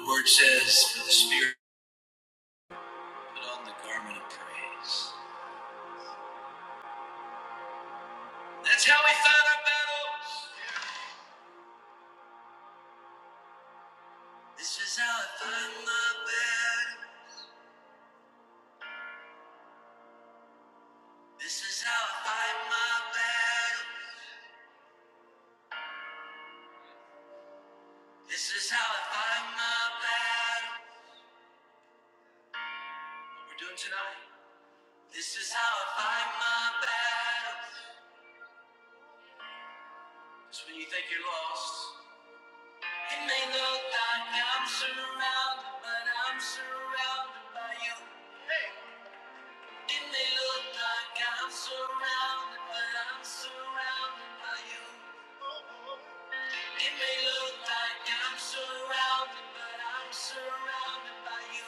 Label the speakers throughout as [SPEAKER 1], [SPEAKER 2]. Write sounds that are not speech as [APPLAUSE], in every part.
[SPEAKER 1] The word says, For the Spirit put on the garment of praise. That's how we fight our battles. This is how I fight my battle. This is how I fight my battle. This is how I fight my battle. What we're doing tonight. This is how I fight my battle. It's when you think you're lost. It may look like I'm surrounded, but I'm surrounded by you. It may look like I'm surrounded, but I'm surrounded by you. It may look like I'm surrounded, but I'm surrounded by you.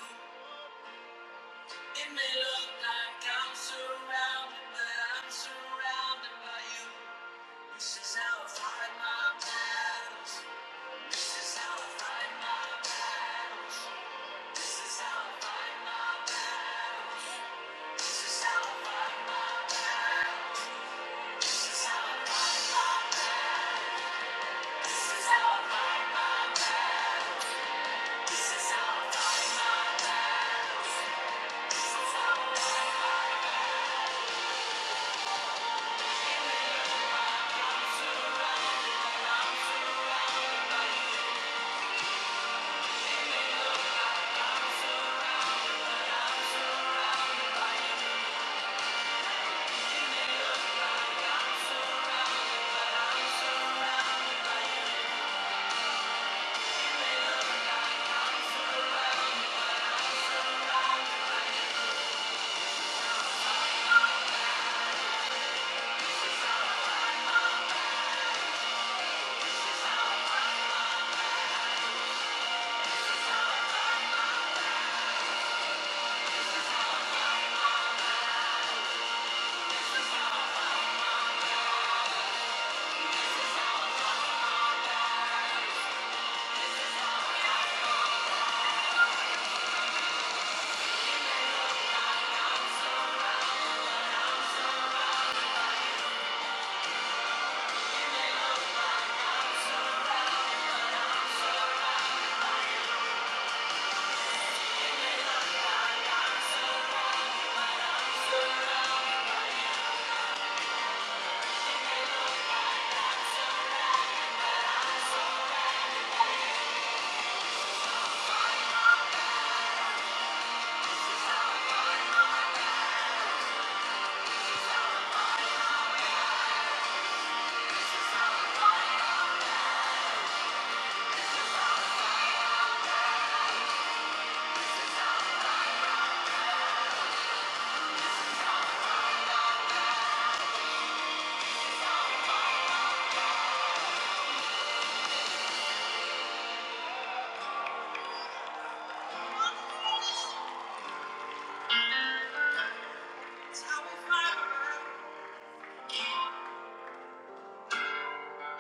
[SPEAKER 1] It may look like I'm surrounded, but I'm surrounded by you. This is how I fight my battles. This is how I fight. This is how I fight.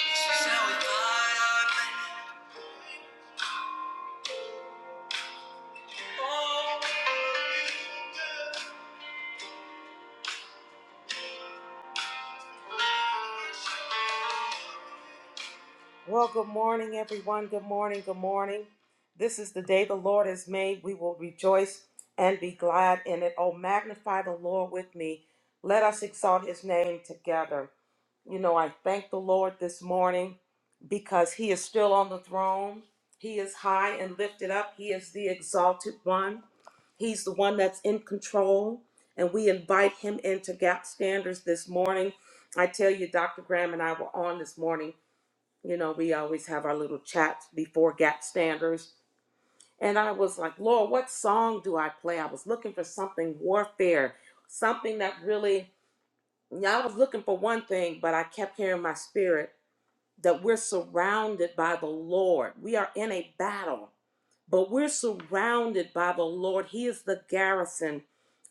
[SPEAKER 1] This is how I fight. Oh. Well, good morning, everyone. Good morning. Good morning. This is the day the Lord has made. We will rejoice and be glad in it. Oh, magnify the Lord with me. Let us exalt his name together. You know, I thank the Lord this morning because he is still on the throne. He is high and lifted up. He is the exalted one. He's the one that's in control. And we invite him into Gap Standards this morning. I tell you, Dr. Graham and I were on this morning you know, we always have our little chats before Gap Standards. And I was like, Lord, what song do I play? I was looking for something warfare, something that really, yeah, I was looking for one thing, but I kept hearing in my spirit that we're surrounded by the Lord. We are in a battle, but we're surrounded by the Lord. He is the garrison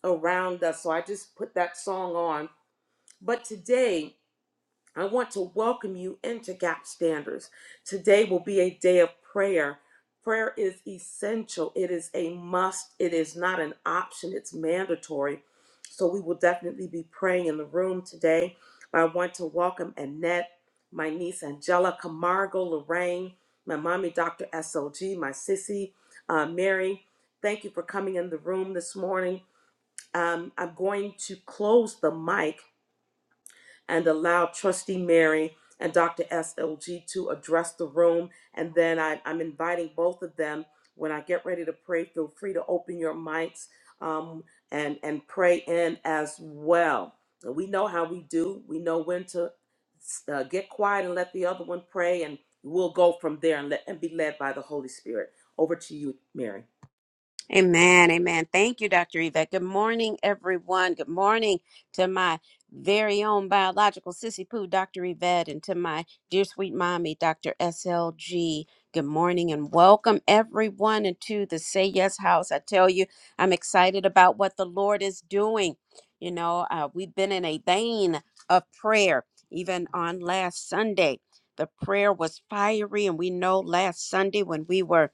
[SPEAKER 1] around us. So I just put that song on. But today, I want to welcome you into Gap Standards. Today will be a day of prayer. Prayer is essential, it is a must, it is not an option, it's mandatory. So we will definitely be praying in the room today. I want to welcome Annette, my niece Angela, Camargo, Lorraine, my mommy, Dr. SLG, my sissy, uh, Mary. Thank you for coming in the room this morning. Um, I'm going to close the mic and allow Trustee Mary and Dr. SLG to address the room. And then I, I'm inviting both of them. When I get ready to pray, feel free to open your mics um, and, and pray in as well. We know how we do, we know when to uh, get quiet and let the other one pray, and we'll go from there and, let, and be led by the Holy Spirit. Over to you, Mary.
[SPEAKER 2] Amen. Amen. Thank you, Dr. Yvette. Good morning, everyone. Good morning to my very own biological sissy poo, Dr. Yvette, and to my dear sweet mommy, Dr. SLG. Good morning and welcome everyone into the Say Yes House. I tell you, I'm excited about what the Lord is doing. You know, uh, we've been in a vein of prayer, even on last Sunday. The prayer was fiery, and we know last Sunday when we were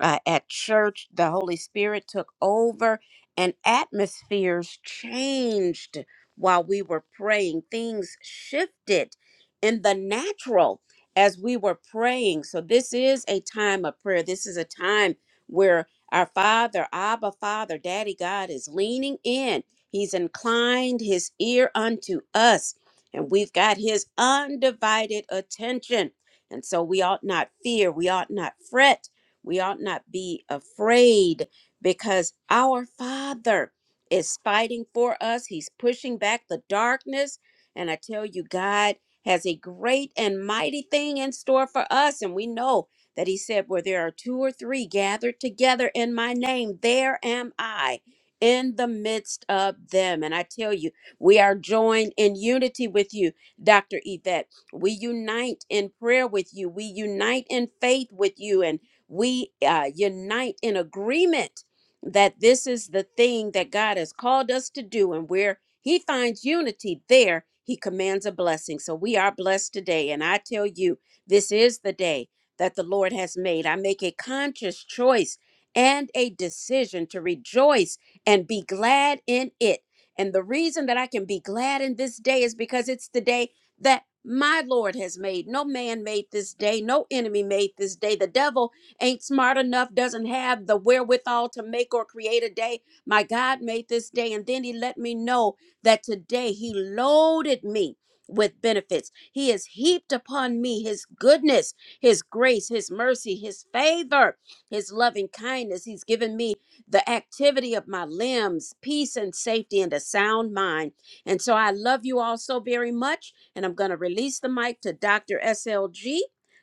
[SPEAKER 2] uh, at church. The Holy Spirit took over, and atmospheres changed while we were praying. Things shifted in the natural as we were praying. So, this is a time of prayer. This is a time where our Father, Abba, Father, Daddy God is leaning in. He's inclined his ear unto us, and we've got his undivided attention. And so we ought not fear, we ought not fret we ought not be afraid because our Father is fighting for us. He's pushing back the darkness. And I tell you, God has a great and mighty thing in store for us. And we know that He said, Where there are two or three gathered together in my name, there am I in the midst of them. And I tell you, we are joined in unity with you, Dr. Yvette. We unite in prayer with you. We unite in faith with you. And we uh, unite in agreement that this is the thing that God has called us to do. And where He finds unity, there He commands a blessing. So we are blessed today. And I tell you, this is the day that the Lord has made. I make a conscious choice and a decision to rejoice and be glad in it. And the reason that I can be glad in this day is because it's the day that my Lord has made. No man made this day. No enemy made this day. The devil ain't smart enough, doesn't have the wherewithal to make or create a day. My God made this day. And then he let me know that today he loaded me with benefits. He has heaped upon me his goodness, his grace, his mercy, his favor, his loving kindness. He's given me the activity of my limbs, peace and safety, and a sound mind. And so I love you all so very much. And I'm going to release the mic to Dr. SLG.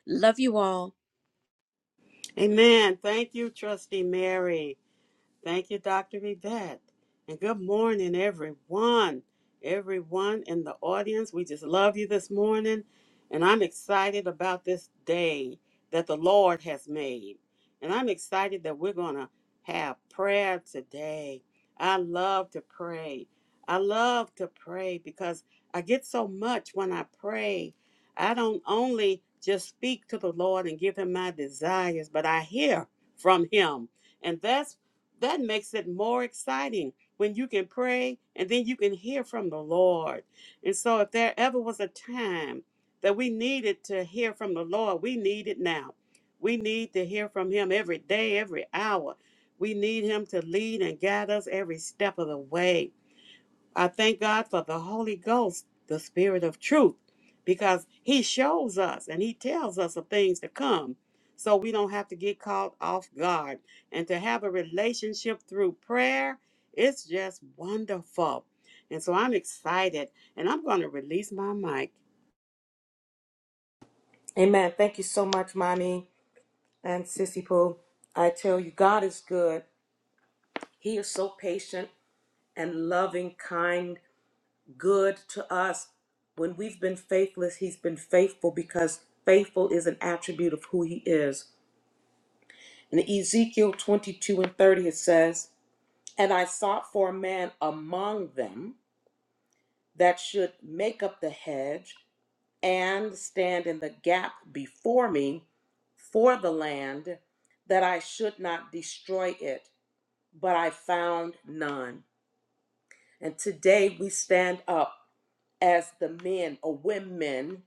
[SPEAKER 2] Love you all.
[SPEAKER 3] Amen. Thank you, Trustee Mary. Thank you, Dr. Yvette. And good morning, everyone. Everyone in the audience, we just love you this morning. And I'm excited about this day that the Lord has made. And I'm excited that we're going to have prayer today. I love to pray. I love to pray because I get so much when I pray. I don't only just speak to the Lord and give him my desires, but I hear from him. And that's that makes it more exciting when you can pray and then you can hear from the Lord. And so, if there ever was a time that we needed to hear from the Lord, we need it now. We need to hear from Him every day, every hour. We need Him to lead and guide us every step of the way. I thank God for the Holy Ghost, the Spirit of truth, because He shows us and He tells us of things to come so we don't have to get caught off guard. And to have a relationship through prayer, it's just wonderful. And so I'm excited and I'm going to release my mic.
[SPEAKER 1] Amen. Thank you so much, Mommy and Sissy Pooh. I tell you, God is good. He is so patient. and loving, kind, good to us. When we've been faithless, he's been faithful because faithful is an attribute of who he is. In Ezekiel 22 and 30, it says, And I sought for a man among them that should make up the hedge and stand in the gap before me for the land, that I should not destroy it. But I found none. And today we stand up as the men or women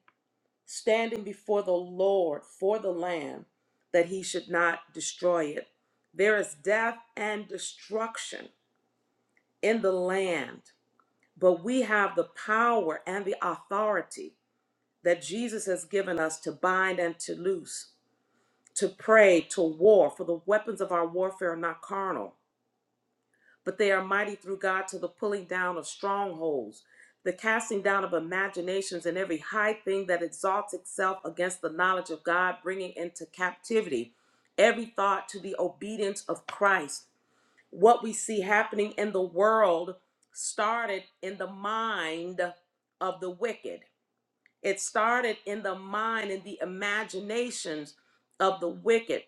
[SPEAKER 1] standing before the Lord for the land, that he should not destroy it. There is death and destruction in the land, but we have the power and the authority that Jesus has given us to bind and to loose, to pray, to war, for the weapons of our warfare are not carnal but they are mighty through God to the pulling down of strongholds, the casting down of imaginations and every high thing that exalts itself against the knowledge of God, bringing into captivity every thought to the obedience of Christ. What we see happening in the world started in the mind of the wicked. It started in the mind and the imaginations of the wicked.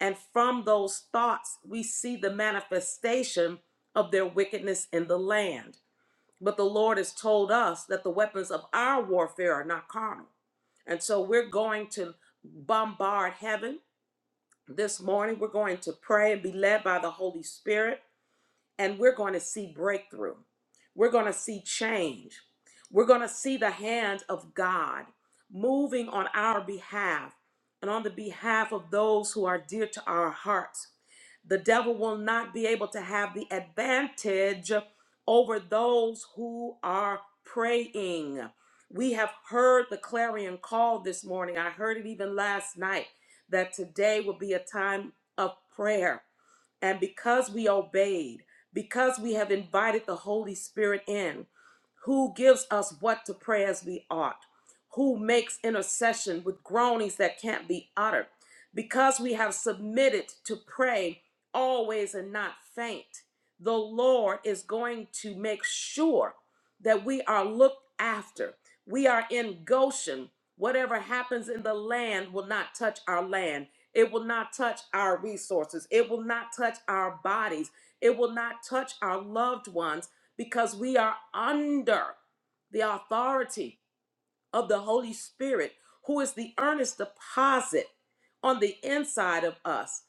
[SPEAKER 1] And from those thoughts, we see the manifestation of their wickedness in the land. But the Lord has told us that the weapons of our warfare are not carnal. And so we're going to bombard heaven this morning. We're going to pray and be led by the Holy Spirit and we're going to see breakthrough. We're going to see change. We're going to see the hand of God moving on our behalf and on the behalf of those who are dear to our hearts. The devil will not be able to have the advantage over those who are praying. We have heard the clarion call this morning. I heard it even last night that today will be a time of prayer and because we obeyed, because we have invited the Holy Spirit in, who gives us what to pray as we ought, who makes intercession with groanings that can't be uttered, because we have submitted to pray always and not faint, the Lord is going to make sure that we are looked after. We are in Goshen. Whatever happens in the land will not touch our land it will not touch our resources. It will not touch our bodies. It will not touch our loved ones because we are under the authority of the Holy Spirit, who is the earnest deposit on the inside of us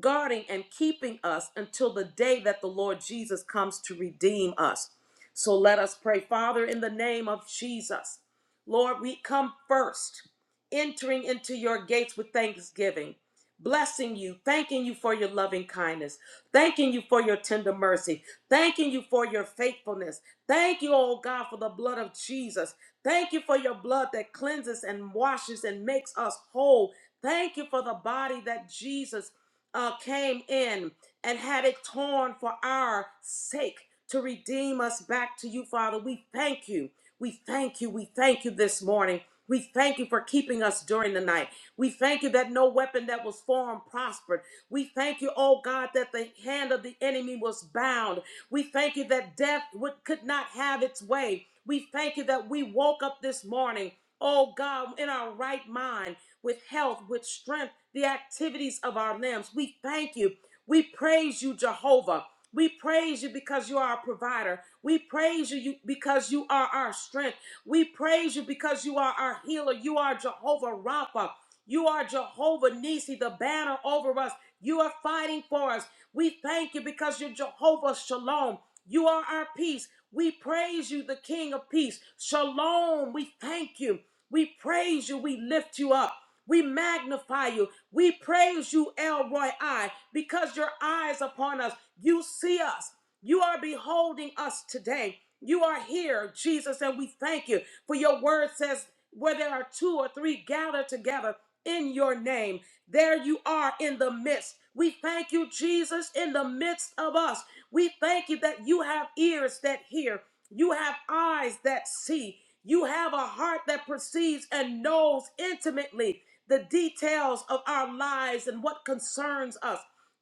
[SPEAKER 1] guarding and keeping us until the day that the Lord Jesus comes to redeem us. So let us pray, Father, in the name of Jesus. Lord, we come first, entering into your gates with thanksgiving, blessing you, thanking you for your loving kindness, thanking you for your tender mercy, thanking you for your faithfulness. Thank you, oh God, for the blood of Jesus. Thank you for your blood that cleanses and washes and makes us whole. Thank you for the body that Jesus uh, came in and had it torn for our sake to redeem us back to you, Father. We thank you. We thank you. We thank you this morning. We thank you for keeping us during the night. We thank you that no weapon that was formed prospered. We thank you, oh God, that the hand of the enemy was bound. We thank you that death would, could not have its way. We thank you that we woke up this morning, oh God, in our right mind with health, with strength, the activities of our limbs. We thank you. We praise you, Jehovah. We praise you because you are our provider. We praise you because you are our strength. We praise you because you are our healer. You are Jehovah Rapha. You are Jehovah Nisi, the banner over us. You are fighting for us. We thank you because you're Jehovah Shalom. You are our peace. We praise you, the King of Peace. Shalom. We thank you. We praise you. We lift you up. We magnify you. We praise you, Elroy I, because your eyes upon us. You see us. You are beholding us today. You are here, Jesus, and we thank you. For your word says, where there are two or three gathered together in your name, there you are in the midst. We thank you, Jesus, in the midst of us. We thank you that you have ears that hear, you have eyes that see, you have a heart that perceives and knows intimately the details of our lives and what concerns us.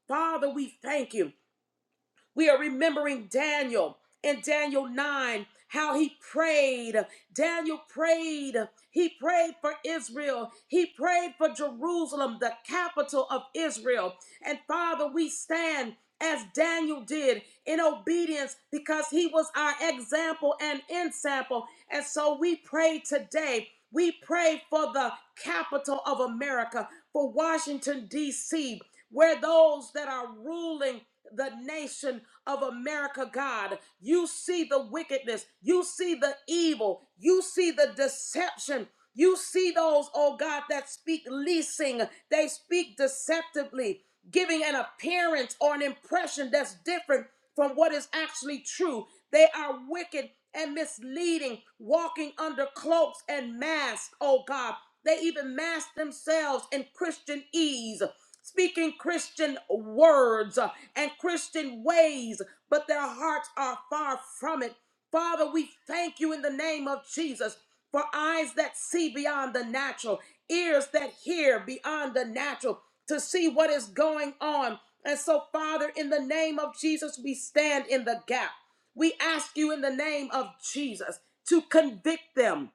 [SPEAKER 1] Father, we thank you. We are remembering Daniel in Daniel 9, how he prayed. Daniel prayed. He prayed for Israel. He prayed for Jerusalem, the capital of Israel. And Father, we stand as Daniel did in obedience because he was our example and ensample. And so we pray today. We pray for the capital of America, for Washington, D.C., where those that are ruling the nation of America, God. You see the wickedness, you see the evil, you see the deception. You see those, oh God, that speak leasing. They speak deceptively giving an appearance or an impression that's different from what is actually true. They are wicked and misleading, walking under cloaks and masks, oh God. They even mask themselves in Christian ease, speaking Christian words uh, and Christian ways, but their hearts are far from it. Father, we thank you in the name of Jesus for eyes that see beyond the natural, ears that hear beyond the natural to see what is going on. And so, Father, in the name of Jesus, we stand in the gap. We ask you in the name of Jesus to convict them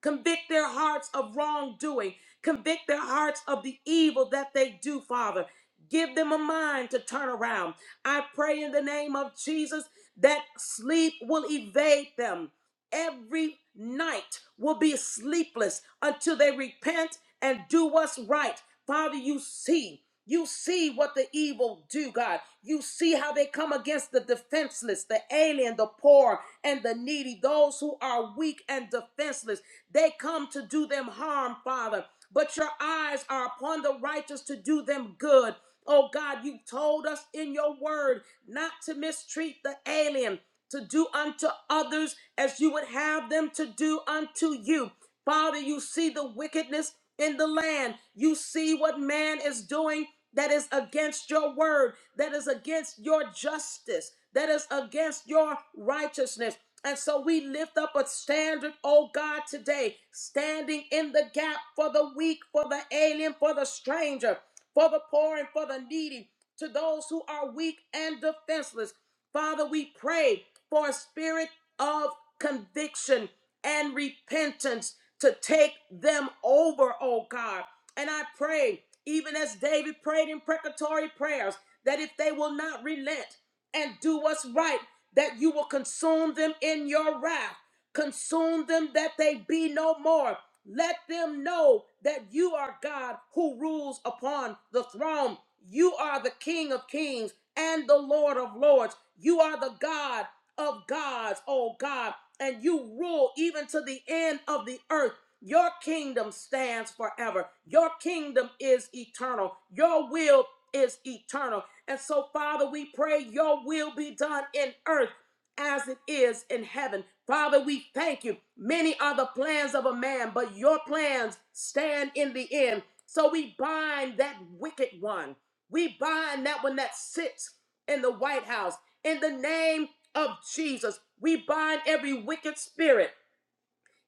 [SPEAKER 1] Convict their hearts of wrongdoing. Convict their hearts of the evil that they do, Father. Give them a mind to turn around. I pray in the name of Jesus that sleep will evade them. Every night will be sleepless until they repent and do what's right. Father, you see. You see what the evil do, God. You see how they come against the defenseless, the alien, the poor, and the needy, those who are weak and defenseless. They come to do them harm, Father, but your eyes are upon the righteous to do them good. Oh God, you told us in your word not to mistreat the alien, to do unto others as you would have them to do unto you. Father, you see the wickedness in the land. You see what man is doing that is against your word, that is against your justice, that is against your righteousness. And so we lift up a standard, oh God, today, standing in the gap for the weak, for the alien, for the stranger, for the poor, and for the needy, to those who are weak and defenseless. Father, we pray for a spirit of conviction and repentance to take them over, oh God. And I pray, even as David prayed in precatory prayers, that if they will not relent, and do what's right, that you will consume them in your wrath. Consume them that they be no more. Let them know that you are God who rules upon the throne. You are the King of kings and the Lord of lords. You are the God of gods, O God, and you rule even to the end of the earth. Your kingdom stands forever. Your kingdom is eternal. Your will is eternal. And so, Father, we pray your will be done in earth as it is in heaven. Father, we thank you. Many are the plans of a man, but your plans stand in the end. So we bind that wicked one. We bind that one that sits in the White House. In the name of Jesus, we bind every wicked spirit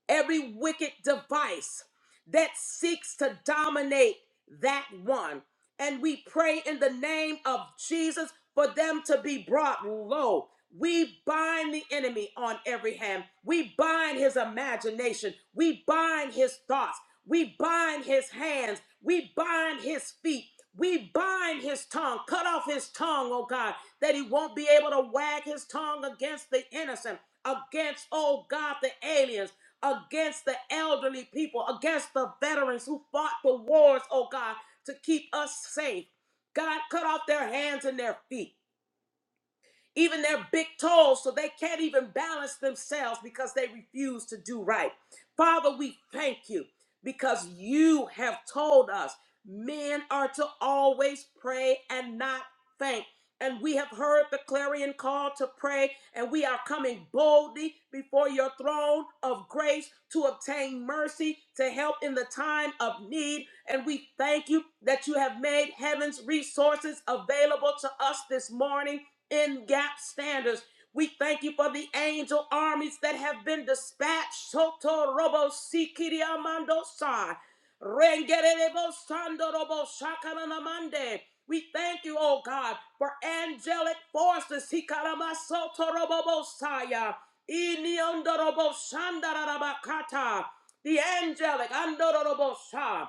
[SPEAKER 1] every wicked device that seeks to dominate that one. And we pray in the name of Jesus for them to be brought low. We bind the enemy on every hand. We bind his imagination. We bind his thoughts. We bind his hands. We bind his feet. We bind his tongue. Cut off his tongue, oh God, that he won't be able to wag his tongue against the innocent, against, oh God, the aliens against the elderly people, against the veterans who fought the wars, oh God, to keep us safe. God, cut off their hands and their feet even their big toes, so they can't even balance themselves because they refuse to do right. Father, we thank you because you have told us men are to always pray and not faint. And we have heard the clarion call to pray, and we are coming boldly before your throne of grace to obtain mercy to help in the time of need. And we thank you that you have made heaven's resources available to us this morning in gap standards. We thank you for the angel armies that have been dispatched. Soto robo sikiri amando sa. Rengerebo sando robo shakalanamande. We thank you, oh God, for angelic forces. Hikarama soto robo bosaya. Iniondo robo shandarabakata. The angelic andorobo sa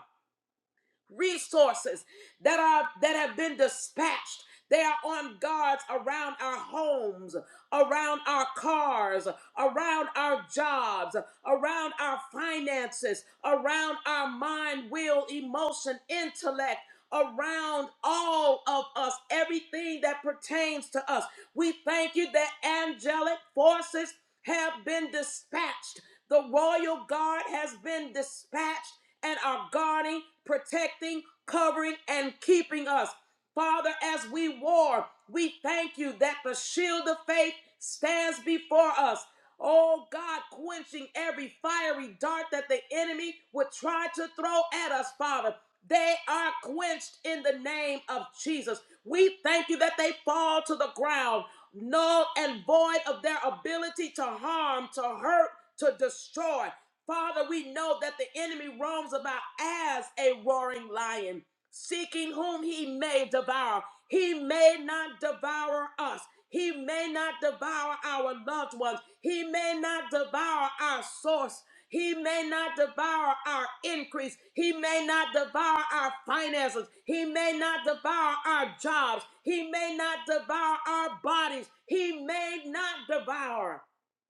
[SPEAKER 1] resources that are that have been dispatched they are on guards around our homes around our cars around our jobs around our finances around our mind will emotion intellect around all of us everything that pertains to us we thank you that angelic forces have been dispatched the royal guard has been dispatched and are guarding, protecting, covering, and keeping us. Father, as we war, we thank you that the shield of faith stands before us. Oh God, quenching every fiery dart that the enemy would try to throw at us, Father. They are quenched in the name of Jesus. We thank you that they fall to the ground, null and void of their ability to harm, to hurt, to destroy. Father, we know that the enemy roams about as a roaring lion, seeking whom he may devour. He may not devour us. He may not devour our loved ones. He may not devour our source. He may not devour our increase. He may not devour our finances. He may not devour our jobs. He may not devour our bodies. He may not devour.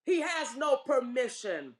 [SPEAKER 1] He has no permission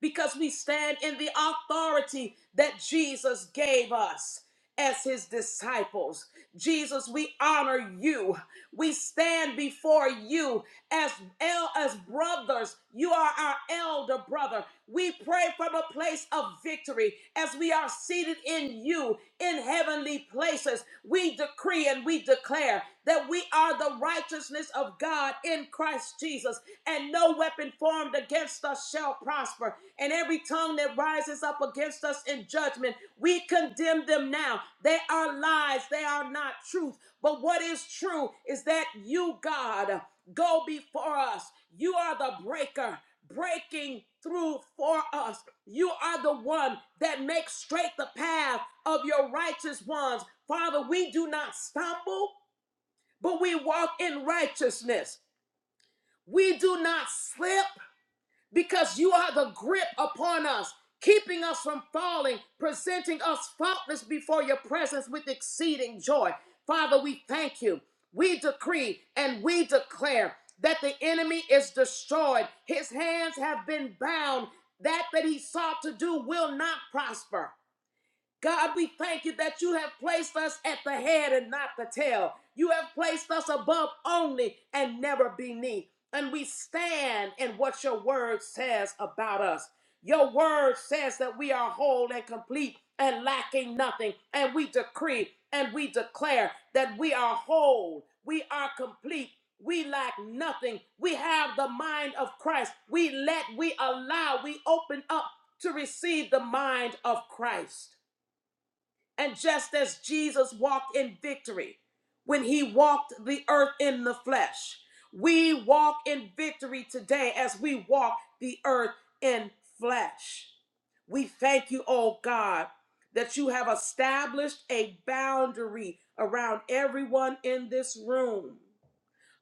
[SPEAKER 1] because we stand in the authority that Jesus gave us as his disciples. Jesus, we honor you. We stand before you as el- as brothers. You are our elder brother. We pray from a place of victory as we are seated in you in heavenly places. We decree and we declare that we are the righteousness of God in Christ Jesus, and no weapon formed against us shall prosper. And every tongue that rises up against us in judgment, we condemn them now. They are lies, they are not truth but what is true is that you, God, go before us. You are the breaker, breaking through for us. You are the one that makes straight the path of your righteous ones. Father, we do not stumble, but we walk in righteousness. We do not slip, because you are the grip upon us, keeping us from falling, presenting us faultless before your presence with exceeding joy. Father, we thank you. We decree and we declare that the enemy is destroyed. His hands have been bound. That that he sought to do will not prosper. God, we thank you that you have placed us at the head and not the tail. You have placed us above only and never beneath. And we stand in what your word says about us. Your word says that we are whole and complete and lacking nothing. And we decree and we declare that we are whole, we are complete. We lack nothing. We have the mind of Christ. We let, we allow, we open up to receive the mind of Christ. And just as Jesus walked in victory when he walked the earth in the flesh, we walk in victory today as we walk the earth in flesh. We thank you, oh God, that you have established a boundary around everyone in this room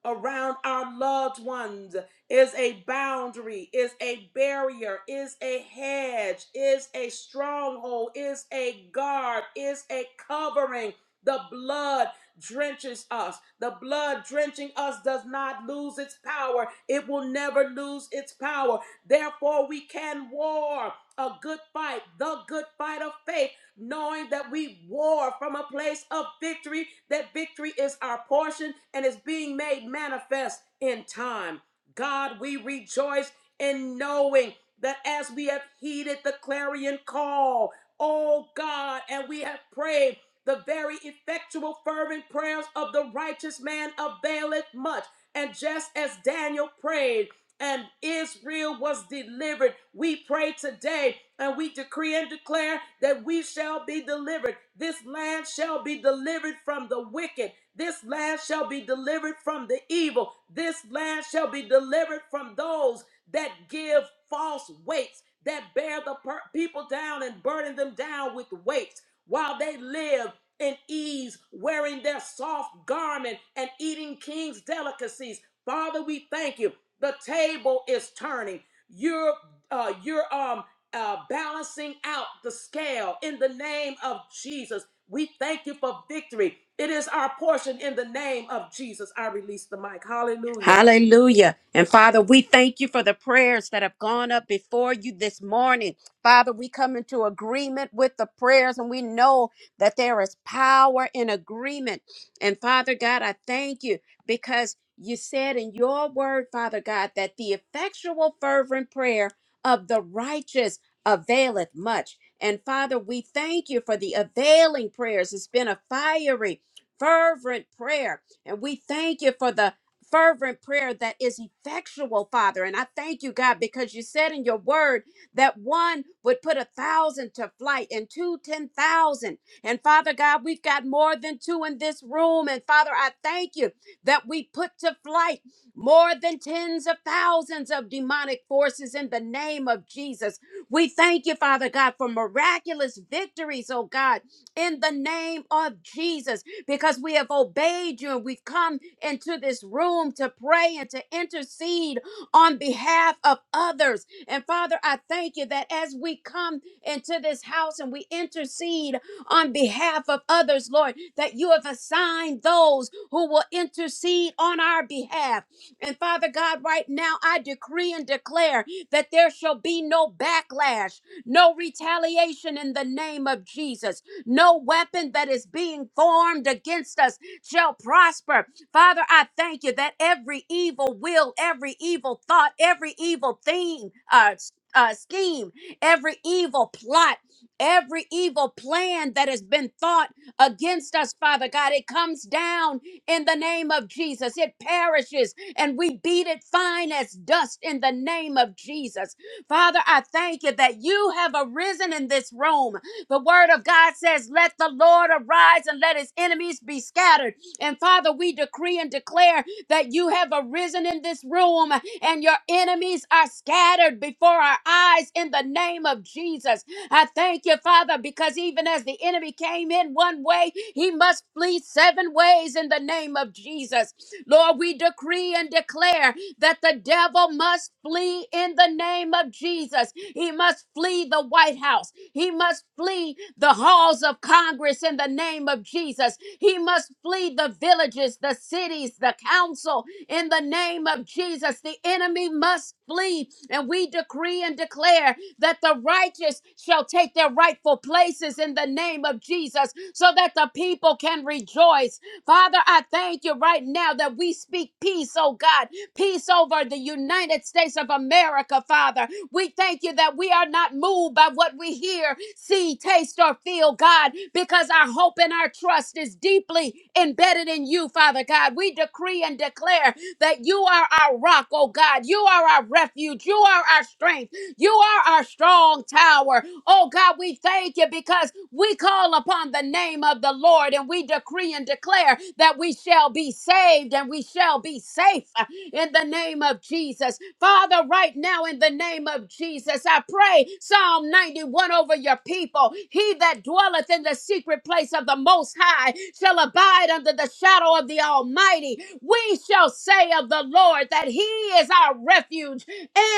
[SPEAKER 1] around our loved ones is a boundary, is a barrier, is a hedge, is a stronghold, is a guard, is a covering. The blood drenches us. The blood drenching us does not lose its power. It will never lose its power. Therefore, we can war a good fight, the good fight of faith knowing that we war from a place of victory, that victory is our portion and is being made manifest in time. God, we rejoice in knowing that as we have heeded the clarion call, oh God, and we have prayed the very effectual, fervent prayers of the righteous man availeth much. And just as Daniel prayed, and Israel was delivered. We pray today and we decree and declare that we shall be delivered. This land shall be delivered from the wicked. This land shall be delivered from the evil. This land shall be delivered from those that give false weights, that bear the per- people down and burden them down with weights while they live in ease, wearing their soft garment and eating king's delicacies. Father, we thank you. The table is turning. You're uh, you're um uh, balancing out the scale in the name of Jesus. We thank you for victory. It is our portion in the name of Jesus. I release the mic. Hallelujah.
[SPEAKER 2] Hallelujah. And Father, we thank you for the prayers that have gone up before you this morning. Father, we come into agreement with the prayers and we know that there is power in agreement. And Father God, I thank you because you said in your word, Father God, that the effectual, fervent prayer of the righteous availeth much. And Father, we thank you for the availing prayers. It's been a fiery, fervent prayer. And we thank you for the fervent prayer that is effectual, Father. And I thank you, God, because you said in your word that one would put a thousand to flight and two, ten thousand. And Father God, we've got more than two in this room. And Father, I thank you that we put to flight more than tens of thousands of demonic forces in the name of Jesus. We thank you, Father God, for miraculous victories, oh God, in the name of Jesus, because we have obeyed you and we've come into this room to pray and to intercede on behalf of others. And Father, I thank you that as we come into this house and we intercede on behalf of others, Lord, that you have assigned those who will intercede on our behalf. And Father God, right now I decree and declare that there shall be no backlash, no retaliation in the name of Jesus. No weapon that is being formed against us shall prosper Father, I thank you that every evil will, every evil thought, every evil thing, uh, s- uh, scheme, every evil plot, every evil plan that has been thought against us, Father God, it comes down in the name of Jesus. It perishes and we beat it fine as dust in the name of Jesus. Father, I thank you that you have arisen in this room. The word of God says, Let the Lord arise and let his enemies be scattered. And Father, we decree and declare that you have arisen in this room and your enemies are scattered before our eyes in the name of Jesus. I thank you, Father, because even as the enemy came in one way, he must flee seven ways in the name of Jesus. Lord, we decree and declare that the devil must flee in the name of Jesus. He must flee the White House. He must flee the halls of Congress in the name of Jesus. He must flee the villages, the cities, the council in the name of Jesus. The enemy must flee. And we decree and declare that the righteous shall take their rightful places in the name of Jesus so that the people can rejoice. Father, I thank you right now that we speak peace, oh God, peace over the United States of America, Father. We thank you that we are not moved by what we hear, see, taste, or feel, God, because our hope and our trust is deeply embedded in you, Father God. We decree and declare that you are our rock, oh God. You are our refuge. You are our strength. You are our strong tower. Oh God, we thank you because we call upon the name of the Lord and we decree and declare that we shall be saved and we shall be safe uh, in the name of Jesus. Father, right now in the name of Jesus, I pray Psalm 91 over your people. He that dwelleth in the secret place of the Most High shall abide under the shadow of the Almighty. We shall say of the Lord that He is our refuge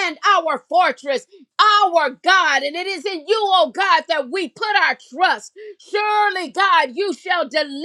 [SPEAKER 2] and our fortress our God, and it is in you, oh God, that we put our trust. Surely, God, you shall deliver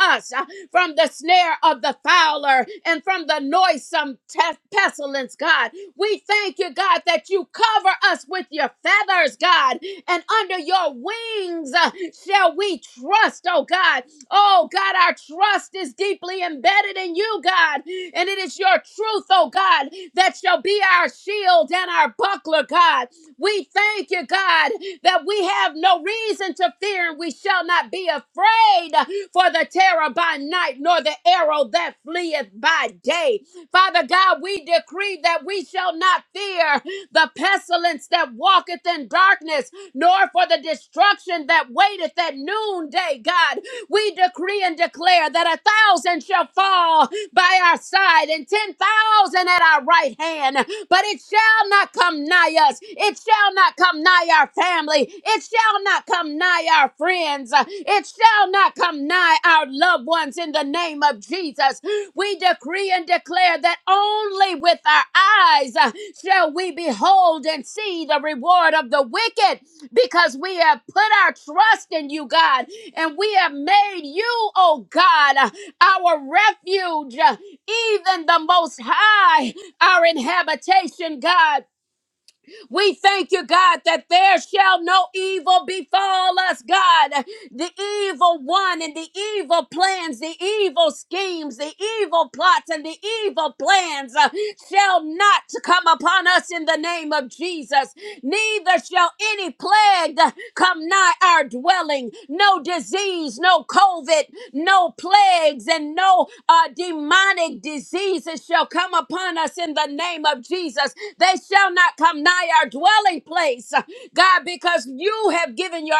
[SPEAKER 2] us uh, from the snare of the fowler and from the noisome te- pestilence, God. We thank you, God, that you cover us with your feathers, God, and under your wings uh, shall we trust, oh God. Oh God, our trust is deeply embedded in you, God, and it is your truth, oh God, that shall be our shield and our buckler, God. We thank you, God, that we have no reason to fear and we shall not be afraid for the terror by night nor the arrow that fleeth by day. Father God, we decree that we shall not fear the pestilence that walketh in darkness nor for the destruction that waiteth at noonday, God. We decree and declare that a thousand shall fall by our side and 10,000 at our right hand, but it shall not come nigh us. It shall not come nigh our family. It shall not come nigh our friends. It shall not come nigh our loved ones in the name of Jesus. We decree and declare that only with our eyes uh, shall we behold and see the reward of the wicked because we have put our trust in you, God and we have made you, oh God, uh, our refuge, uh, even the Most High, our inhabitation, God. We thank you, God, that there shall no evil befall us, God. The evil one and the evil plans, the evil schemes, the evil plots, and the evil plans uh, shall not come upon us in the name of Jesus. Neither shall any plague come nigh our dwelling. No disease, no COVID, no plagues and no uh, demonic diseases shall come upon us in the name of Jesus. They shall not come nigh our dwelling place, uh, God, because you have given your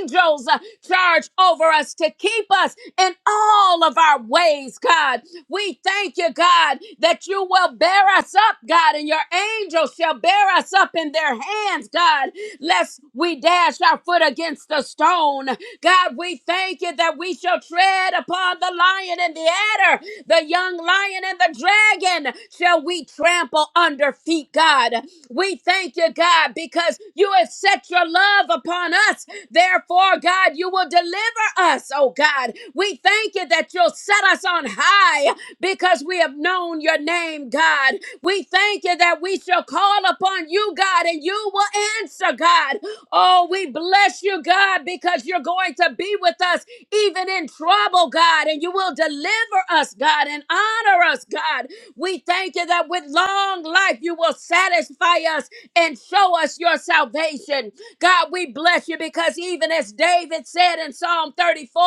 [SPEAKER 2] angels uh, charge over us to keep us in all of our ways, God. We thank you, God, that you will bear us up, God, and your angels shall bear us up in their hands, God, lest we dash our foot against a stone own. God, we thank you that we shall tread upon the lion and the adder, the young lion and the dragon shall we trample under feet, God. We thank you, God, because you have set your love upon us. Therefore, God, you will deliver us, oh God. We thank you that you'll set us on high because we have known your name, God. We thank you that we shall call upon you, God, and you will answer, God. Oh, we bless you, God, because you're going to be with us even in trouble, God, and you will deliver us, God, and honor us, God. We thank you that with long life you will satisfy us and show us your salvation. God, we bless you because even as David said in Psalm 34,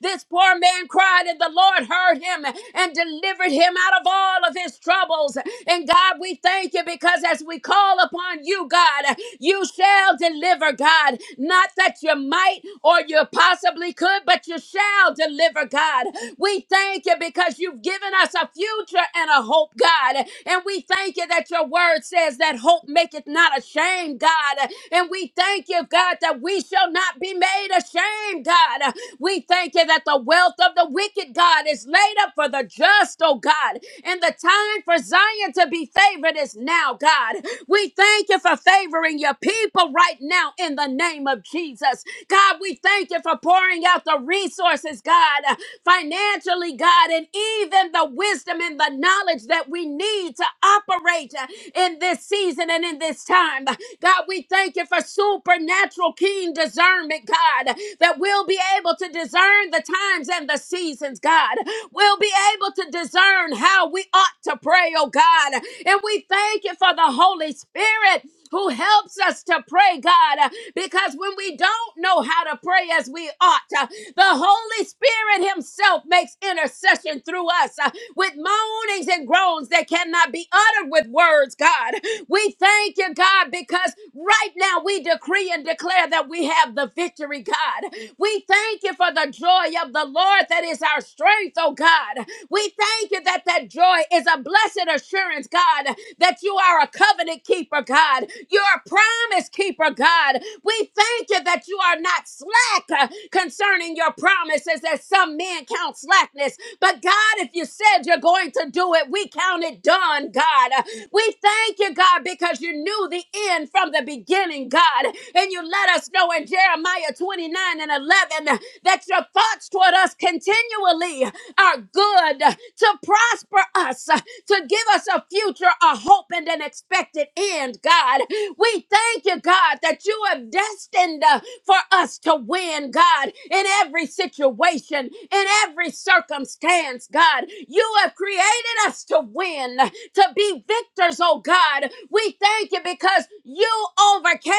[SPEAKER 2] this poor man cried and the Lord heard him and delivered him out of all of his troubles. And God, we thank you because as we call upon you, God, you shall deliver deliver, God. Not that you might or you possibly could, but you shall deliver, God. We thank you because you've given us a future and a hope, God. And we thank you that your word says that hope maketh not ashamed, God. And we thank you, God, that we shall not be made ashamed, God. We thank you that the wealth of the wicked, God, is laid up for the just, oh God. And the time for Zion to be favored is now, God. We thank you for favoring your people right now now in the name of Jesus. God, we thank you for pouring out the resources, God, uh, financially, God, and even the wisdom and the knowledge that we need to operate uh, in this season and in this time. God, we thank you for supernatural keen discernment, God, that we'll be able to discern the times and the seasons, God. We'll be able to discern how we ought to pray, oh God. And we thank you for the Holy Spirit who helps us to pray, God, uh, because when we don't know how to pray as we ought, uh, the Holy Spirit Himself makes intercession through us uh, with moanings and groans that cannot be uttered with words, God. We thank you, God, because right now we decree and declare that we have the victory, God. We thank you for the joy of the Lord that is our strength, oh God. We thank you that that joy is a blessed assurance returns, God, that you are a covenant keeper, God. You're a promise keeper, God. We thank you that you are not slack uh, concerning your promises, as some men count slackness. But God, if you said you're going to do it, we count it done, God. Uh, We thank you, God, because you knew the end from the beginning, God. And you let us know in Jeremiah 29 and 11 uh, that your thoughts toward us continually are good uh, to prosper us, uh, to give us a future, a hope, and an expected end, God. We thank you, God, that you have destined uh, for us to win, God, in every situation, in every circumstance, God. You have created us to win, to be victors, oh God. We thank you because you overcame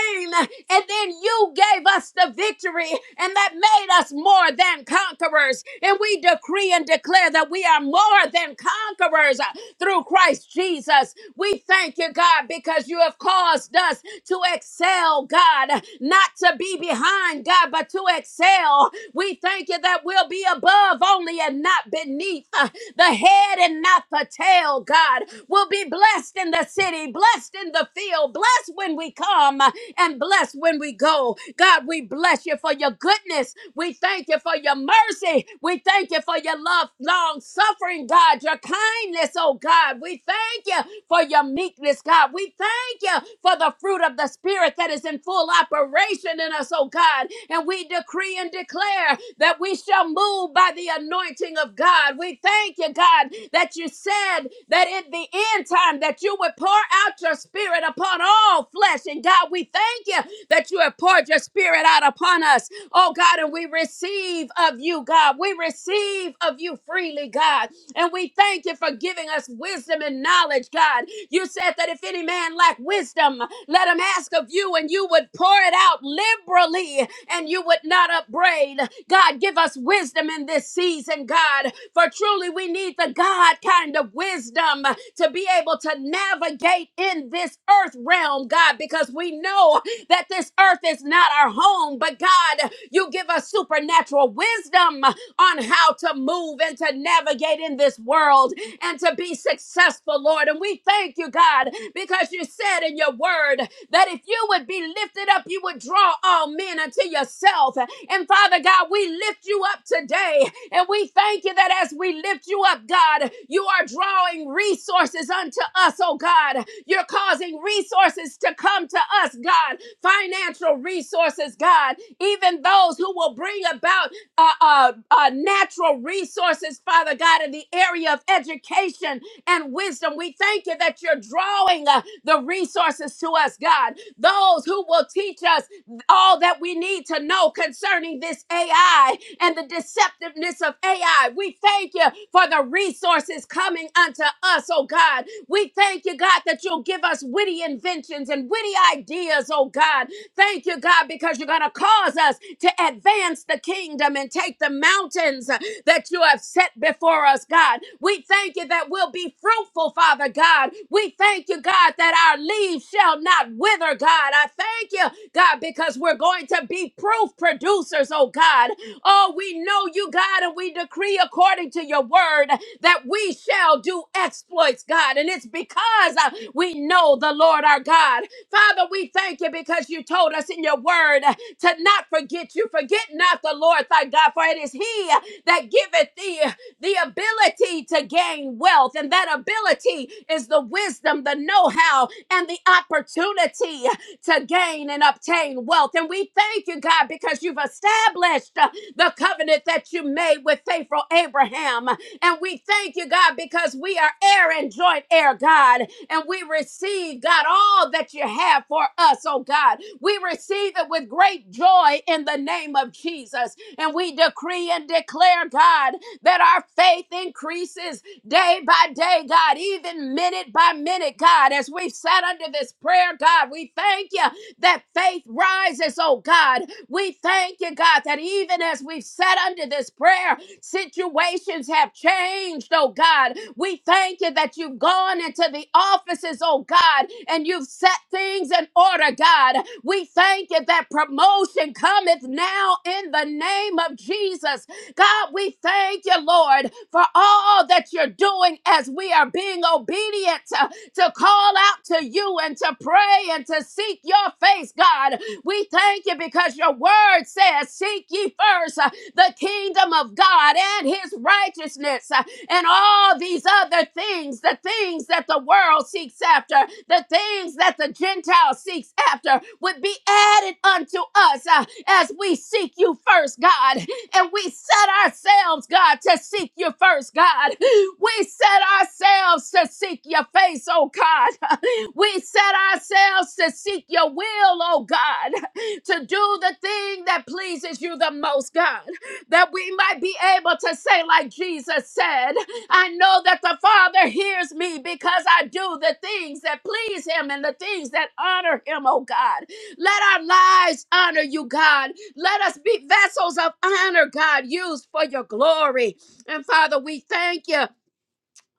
[SPEAKER 2] and then you gave us the victory, and that made us more than than conquerors. And we decree and declare that we are more than conquerors uh, through Christ Jesus. We thank you, God, because you have caused us to excel, God, not to be behind, God, but to excel. We thank you that we'll be above only and not beneath, uh, the head and not the tail, God. We'll be blessed in the city, blessed in the field, blessed when we come, uh, and blessed when we go. God, God, we bless you for your goodness. We thank you for your mercy. We thank you for your love, long suffering, God, your kindness, oh God. We thank you for your meekness, God. We thank you for the fruit of the Spirit that is in full operation in us, oh God. And we decree and declare that we shall move by the anointing of God. We thank you, God, that you said that in the end time that you would pour out your spirit upon all flesh flesh. And God, we thank you that you have poured your spirit out upon us. Oh God, and we receive of you, God. We receive of you freely, God. And we thank you for giving us wisdom and knowledge, God. You said that if any man lack wisdom, let him ask of you, and you would pour it out liberally, and you would not upbraid. God, give us wisdom in this season, God. For truly we need the God kind of wisdom to be able to to navigate in this earth realm, God, because we know that this earth is not our home, but God, you give us supernatural wisdom on how to move and to navigate in this world and to be successful, Lord. And we thank you, God, because you said in your word that if you would be lifted up, you would draw all men unto yourself. And Father God, we lift you up today and we thank you that as we lift you up, God. You are drawing resources unto us, oh God. You're causing resources to come to us, God. Financial resources, God. Even those who will bring about uh, uh, uh, natural resources, Father God, in the area of education and wisdom. We thank you that you're drawing uh, the resources to us, God. Those who will teach us all that we need to know concerning this AI and the decisions deceptiveness of AI. We thank you for the resources coming unto us, oh God. We thank you, God, that you'll give us witty inventions and witty ideas, oh God. Thank you, God, because you're going to cause us to advance the kingdom and take the mountains uh, that you have set before us, God. We thank you that we'll be fruitful, Father God. We thank you, God, that our leaves shall not wither, God. I thank you, God, because we're going to be be proof producers, oh God. Oh, we know you, God, and we decree according to your word that we shall do exploits, God. And it's because uh, we know the Lord our God. Father, we thank you because you told us in your word uh, to not forget you. Forget not the Lord thy God, for it is he uh, that giveth thee uh, the ability to gain wealth. And that ability is the wisdom, the know how, and the opportunity to gain and obtain wealth. And we thank you, God, because you've established uh, the covenant that you made with faithful Abraham. And we thank you, God, because we are heir and joint heir, God. And we receive, God, all that you have for us, oh God. We receive it with great joy in the name of Jesus. And we decree and declare, God, that our faith increases, day by day, God, even minute by minute, God, as we've sat under this prayer, God, we thank you that faith rises, oh God. We thank you, God, that even as we've sat under this prayer, situations have changed, oh God. We thank you that you've gone into the offices, oh God, and you've set things in order, God. We thank you that promotion cometh now in the name of Jesus. God, we thank you, Lord, for all that you're doing as we are being obedient to, to call out to you and to pray and to seek your face, God. We thank you because your word says, Seek ye first uh, the kingdom of God and his righteousness, uh, and all these other things, the things that the world seeks after, the things that the Gentile seeks after, would be added unto us uh, as we seek you first, God. And we set ourselves, God, to seek you first, God. We set ourselves to seek your face, oh God. [LAUGHS] We set ourselves to seek your will, oh God, [LAUGHS] to do the thing that pleases you the most, God, that we might be able to say, like Jesus said, I know that the Father hears me because I do the things that please him and the things that honor him, oh God. Let our lives honor you, God. Let us be vessels of honor, God, used for your glory. And Father, we thank you.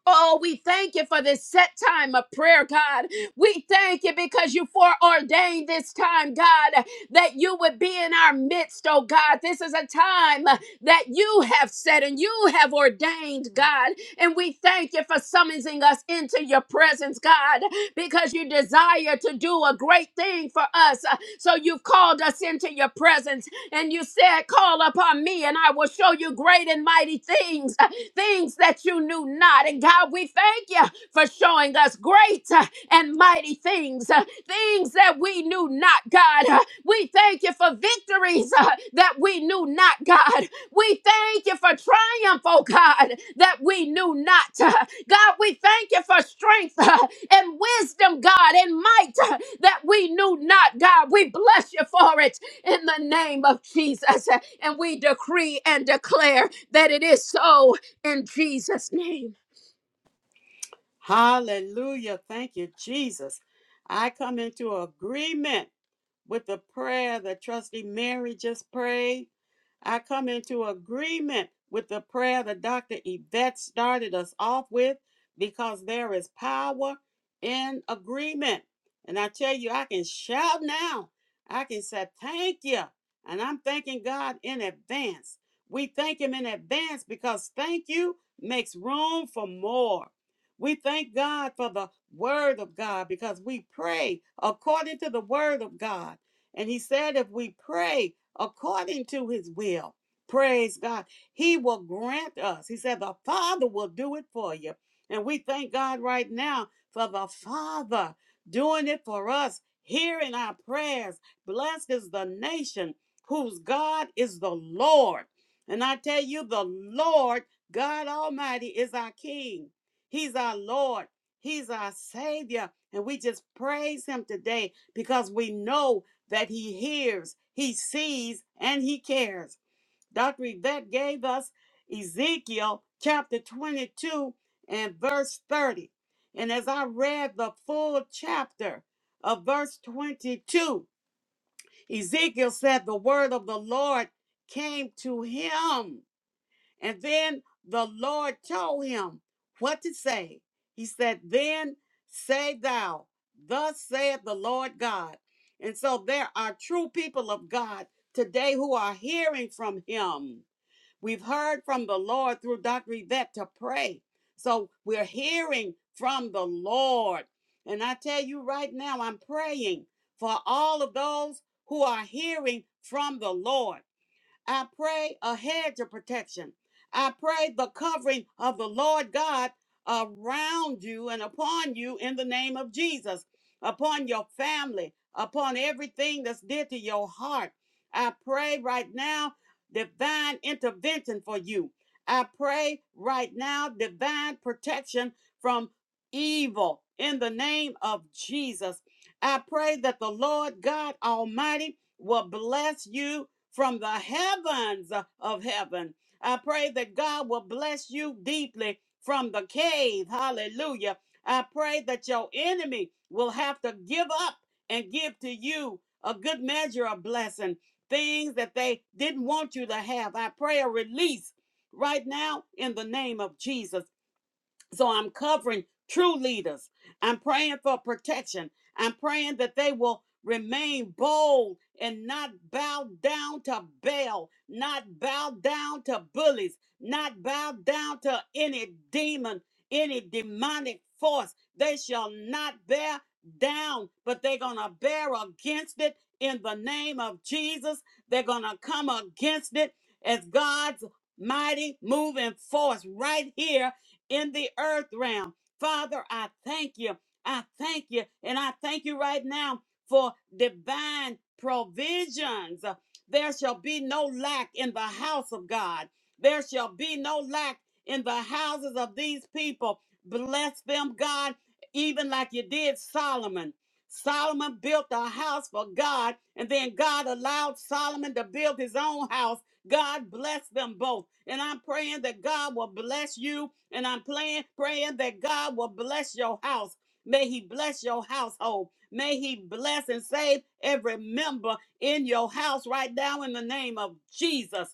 [SPEAKER 2] Oh, we thank you for this set time of prayer, God. We thank you because you foreordained this time, God, that you would be in our midst, oh God. This is a time that you have set and you have ordained, God. And we thank you for summoning us into your presence, God, because you desire to do a great thing for us. So you've called us into your presence and you said, Call upon me, and I will show you great and mighty things, uh, things that you knew not. And God, we thank you for showing us great uh, and mighty things, uh, things that we knew not, God. Uh, We thank you for victories uh, that we knew not, God. We thank you for triumph, oh God, that we knew not. Uh, God, we thank you for strength uh, and wisdom, God, and might uh, that we knew not, God. We bless you for it in the name of Jesus. And we decree and declare that it is so in Jesus' name.
[SPEAKER 3] Hallelujah. Thank you, Jesus. I come into agreement with the prayer that Trustee Mary just prayed. I come into agreement with the prayer that Dr. Yvette started us off with because there is power in agreement. And I tell you, I can shout now. I can say, Thank you. And I'm thanking God in advance. We thank Him in advance because thank you makes room for more. We thank God for the word of God because we pray according to the word of God. And he said, if we pray according to his will, praise God, he will grant us. He said, the Father will do it for you. And we thank God right now for the Father doing it for us, hearing our prayers. Blessed is the nation whose God is the Lord. And I tell you, the Lord God Almighty is our King. He's our Lord. He's our Savior. And we just praise Him today because we know that He hears, He sees, and He cares. Dr. Yvette gave us Ezekiel chapter 22 and verse 30. And as I read the full chapter of verse 22, Ezekiel said, The word of the Lord came to him and then the Lord told him what to say. He said, Then say thou, thus saith the Lord God. And so there are true people of God today who are hearing from him. We've heard from the Lord through Dr. Yvette to pray. So we're hearing from the Lord. And I tell you right now, I'm praying for all of those who are hearing from the Lord. I pray a hedge of protection. I pray the covering of the Lord God around you and upon you in the name of Jesus, upon your family, upon everything that's dear to your heart. I pray right now divine intervention for you. I pray right now divine protection from evil in the name of Jesus. I pray that the Lord God Almighty will bless you from the heavens of heaven. I pray that God will bless you deeply from the cave. Hallelujah. I pray that your enemy will have to give up and give to you a good measure of blessing, things that they didn't want you to have. I pray a release right now in the name of Jesus. So I'm covering true leaders. I'm praying for protection. I'm praying that they will remain bold and not bow down to Baal, not bow down to bullies, not bow down to any demon, any demonic force. They shall not bear down, but they're going to bear against it in the name of Jesus. They're going to come against it as God's mighty moving force right here in the earth realm. Father, I thank you. I thank you. And I thank you right now for divine provisions. There shall be no lack in the house of God. There shall be no lack in the houses of these people. Bless them, God, even like you did Solomon. Solomon built a house for God, and then God allowed Solomon to build his own house God bless them both. And I'm praying that God will bless you. And I'm praying, praying that God will bless your house. May He bless your household. May He bless and save every member in your house right now in the name of Jesus.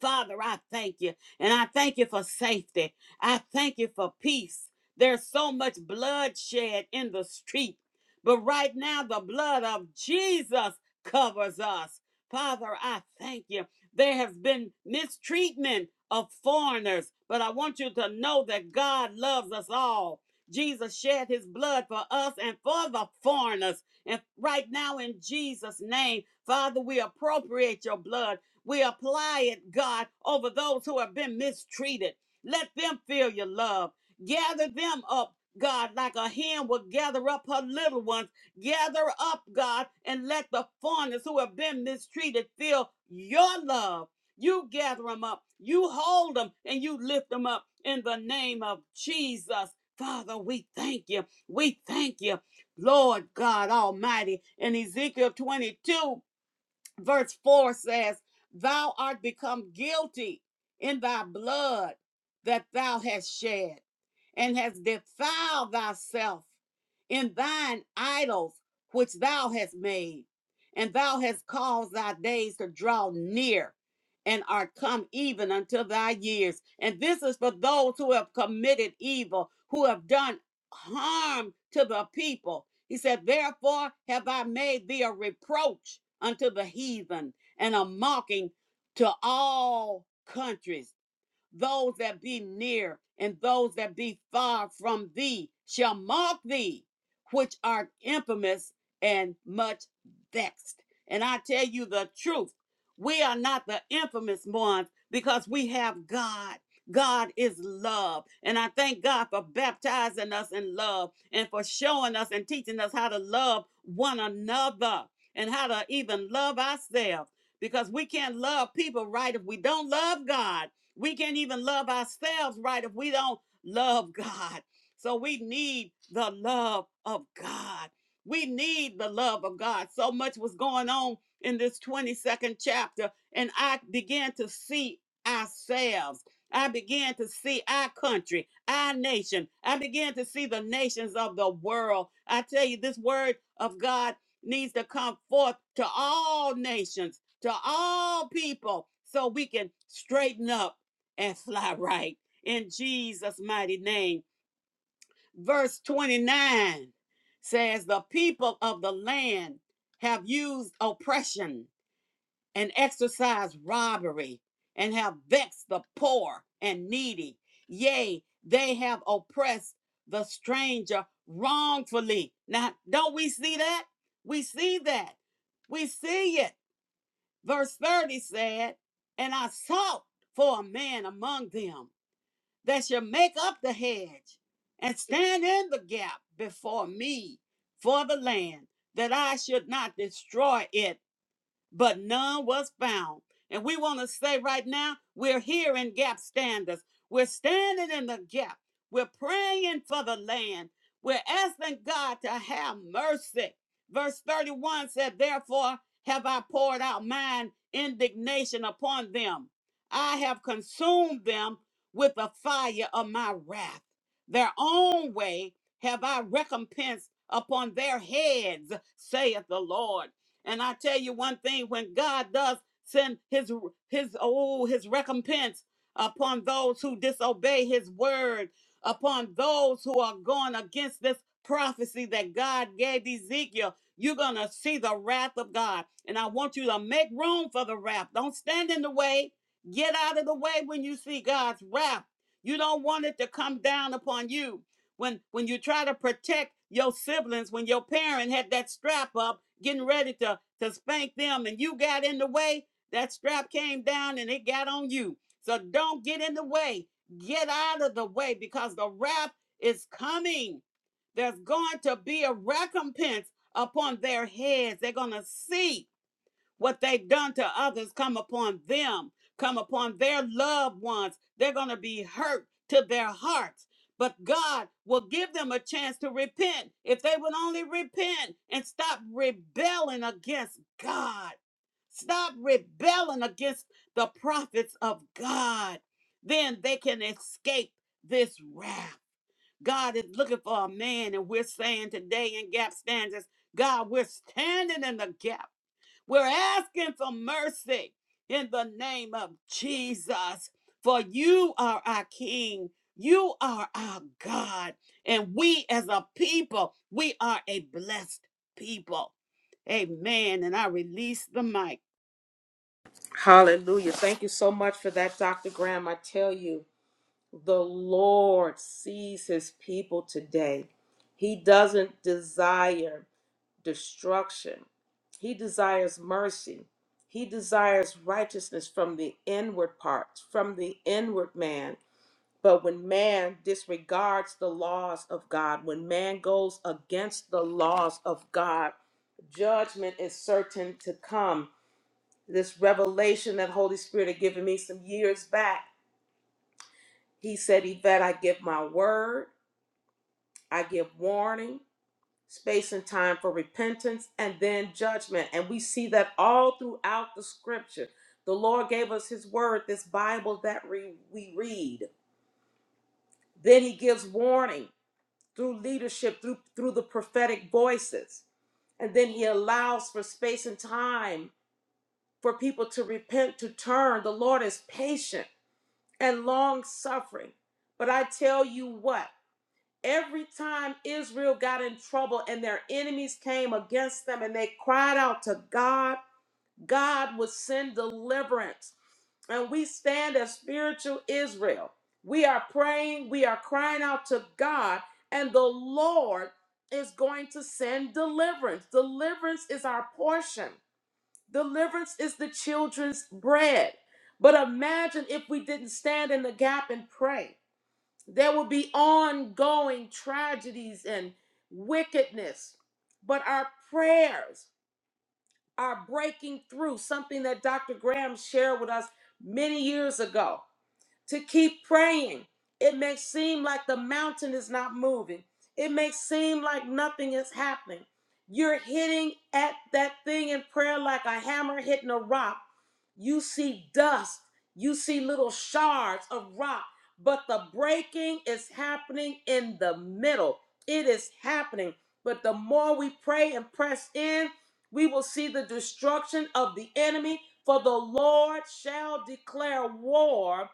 [SPEAKER 3] Father, I thank you. And I thank you for safety. I thank you for peace. There's so much bloodshed in the street. But right now, the blood of Jesus covers us. Father, I thank you. There has been mistreatment of foreigners, but I want you to know that God loves us all. Jesus shed his blood for us and for the foreigners. And right now, in Jesus' name, Father, we appropriate your blood we apply it, God, over those who have been mistreated. Let them feel your love. Gather them up, God, like a hen will gather up her little ones. Gather up, God, and let the foreigners who have been mistreated feel your love. You gather them up, you hold them, and you lift them up in the name of Jesus. Father, we thank you. We thank you, Lord God Almighty. In Ezekiel 22, verse 4 says, Thou art become guilty in thy blood that thou hast shed, and hast defiled thyself in thine idols which thou hast made, and thou hast caused thy days to draw near. And are come even unto thy years. And this is for those who have committed evil, who have done harm to the people, he said, Therefore have I made thee a reproach unto the heathen and a mocking to all countries those that be near and those that be far from thee shall mock thee, which are infamous and much vexed. And I tell you the truth, we are not the infamous ones because we have God. God is love. And I thank God for baptizing us in love and for showing us and teaching us how to love one another and how to even love ourselves because we can't love people right if we don't love God. We can't even love ourselves right if we don't love God. So we need the love of God. We need the love of God. So much was going on in this 22nd chapter, and I began to see ourselves. I began to see our country, our nation. I began to see the nations of the world. I tell you, this word of God needs to come forth to all nations, to all people, so we can straighten up and fly right in Jesus' mighty name. Verse 29 says, The people of the land have used oppression and exercised robbery and have vexed the poor and needy. Yea, they have oppressed the stranger wrongfully. Now, don't we see that? We see that. We see it. Verse 30 said, And I sought for a man among them that shall make up the hedge and stand in the gap before me for the land, that I should not destroy it but none was found. And we want to say right now, we're here in gap Standers, We're standing in the gap. We're praying for the land. We're asking God to have mercy. Verse 31 said, Therefore have I poured out mine indignation upon them. I have consumed them with the fire of my wrath. Their own way have I recompensed upon their heads, saith the Lord. And I tell you one thing, when God does send his his oh his recompense upon those who disobey his word, upon those who are going against this prophecy that God gave Ezekiel, you're gonna see the wrath of God. And I want you to make room for the wrath. Don't stand in the way. Get out of the way when you see God's wrath. You don't want it to come down upon you when when you try to protect your siblings when your parent had that strap up getting ready to to spank them and you got in the way that strap came down and it got on you so don't get in the way get out of the way because the wrath is coming there's going to be a recompense upon their heads they're going to see what they've done to others come upon them, come upon their loved ones. They're going to be hurt to their hearts. But God will give them a chance to repent if they would only repent and stop rebelling against God. Stop rebelling against the prophets of God. Then they can escape this wrath. God is looking for a man, and we're saying today in gap standards, God, we're standing in the gap we're asking for mercy in the name of Jesus, for you are our King, you are our God, and we as a people, we are a blessed people. Amen. And I release the mic.
[SPEAKER 1] Hallelujah. Thank you so much for that, Dr. Graham. I tell you, the Lord sees his people today. He doesn't desire destruction, he desires mercy. He desires righteousness from the inward parts, from the inward man But when man disregards the laws of God, when man goes against the laws of God, judgment is certain to come. This revelation that Holy Spirit had given me some years back, he said, Yvette, I give my word, I give warning, space and time for repentance, and then judgment. And we see that all throughout the scripture. The Lord gave us his word, this Bible that re- we read. Then he gives warning through leadership, through through the prophetic voices. And then he allows for space and time for people to repent, to turn. The Lord is patient and long suffering. But I tell you what, every time Israel got in trouble and their enemies came against them and they cried out to God, God would send deliverance and we stand as spiritual Israel. We are praying, we are crying out to God, and the Lord is going to send deliverance. Deliverance is our portion, deliverance is the children's bread. But imagine if we didn't stand in the gap and pray. There would be ongoing tragedies and wickedness. But our prayers are breaking through, something that Dr. Graham shared with us many years ago to keep praying. It may seem like the mountain is not moving, it may seem like nothing is happening. You're hitting at that thing in prayer like a hammer hitting a rock. You see dust, you see little shards of rock, but the breaking is happening in the middle. It is happening. But the more we pray and press in, we will see the destruction of the enemy. For the Lord shall declare war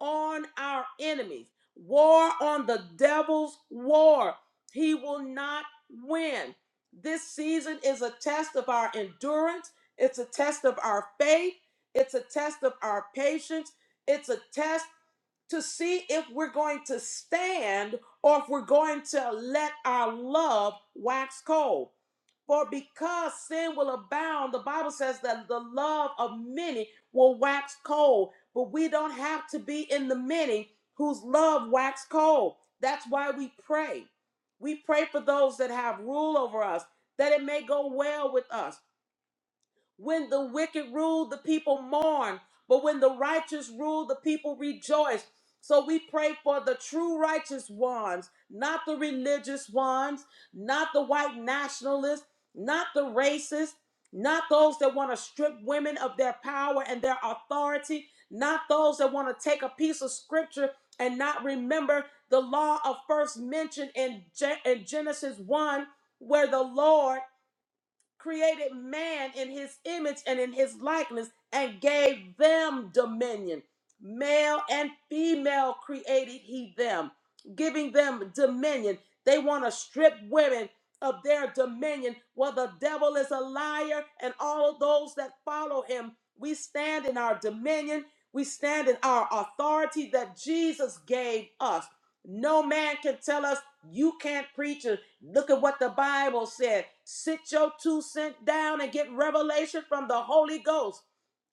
[SPEAKER 1] on our enemies, war on the devil's war. He will not win. This season is a test of our endurance, it's a test of our faith, it's a test of our patience, it's a test to see if we're going to stand or if we're going to let our love wax cold. For because sin will abound, the Bible says that the love of many will wax cold. But we don't have to be in the many whose love wax cold. That's why we pray. We pray for those that have rule over us, that it may go well with us when the wicked rule, the people mourn, but when the righteous rule, the people rejoice. So we pray for the true righteous ones, not the religious ones, not the white nationalists, not the racists, not those that want to strip women of their power and their authority, not those that want to take a piece of scripture and not remember the law of first mention in, Gen- in Genesis 1, where the Lord created man in his image and in his likeness and gave them dominion. Male and female created he them, giving them dominion. They want to strip women of their dominion. Well, the devil is a liar, and all of those that follow him, we stand in our dominion, we stand in our authority that Jesus gave us. No man can tell us you can't preach. Look at what the Bible said. Sit your two cent down and get revelation from the Holy Ghost.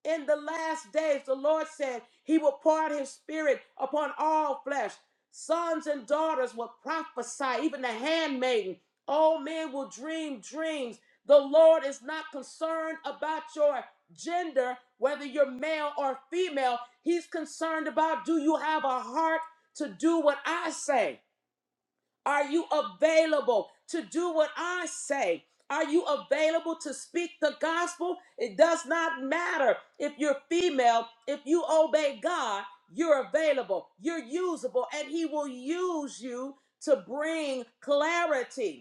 [SPEAKER 1] In the last days, the Lord said he will pour out his spirit upon all flesh. Sons and daughters will prophesy, even the handmaiden. Old men will dream dreams. The Lord is not concerned about your gender, whether you're male or female. He's concerned about do you have a heart to do what I say? Are you available to do what I say? Are you available to speak the gospel? It does not matter if you're female, if you obey God, you're available, you're usable, and He will use you to bring clarity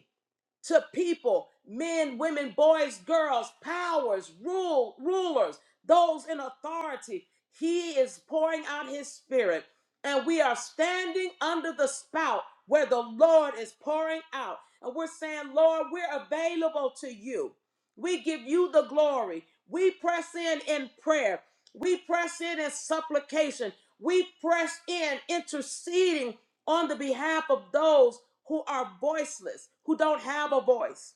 [SPEAKER 1] to people men women boys girls powers rule rulers those in authority he is pouring out his spirit and we are standing under the spout where the lord is pouring out and we're saying lord we're available to you we give you the glory we press in in prayer we press in in supplication we press in interceding on the behalf of those who are voiceless, who don't have a voice.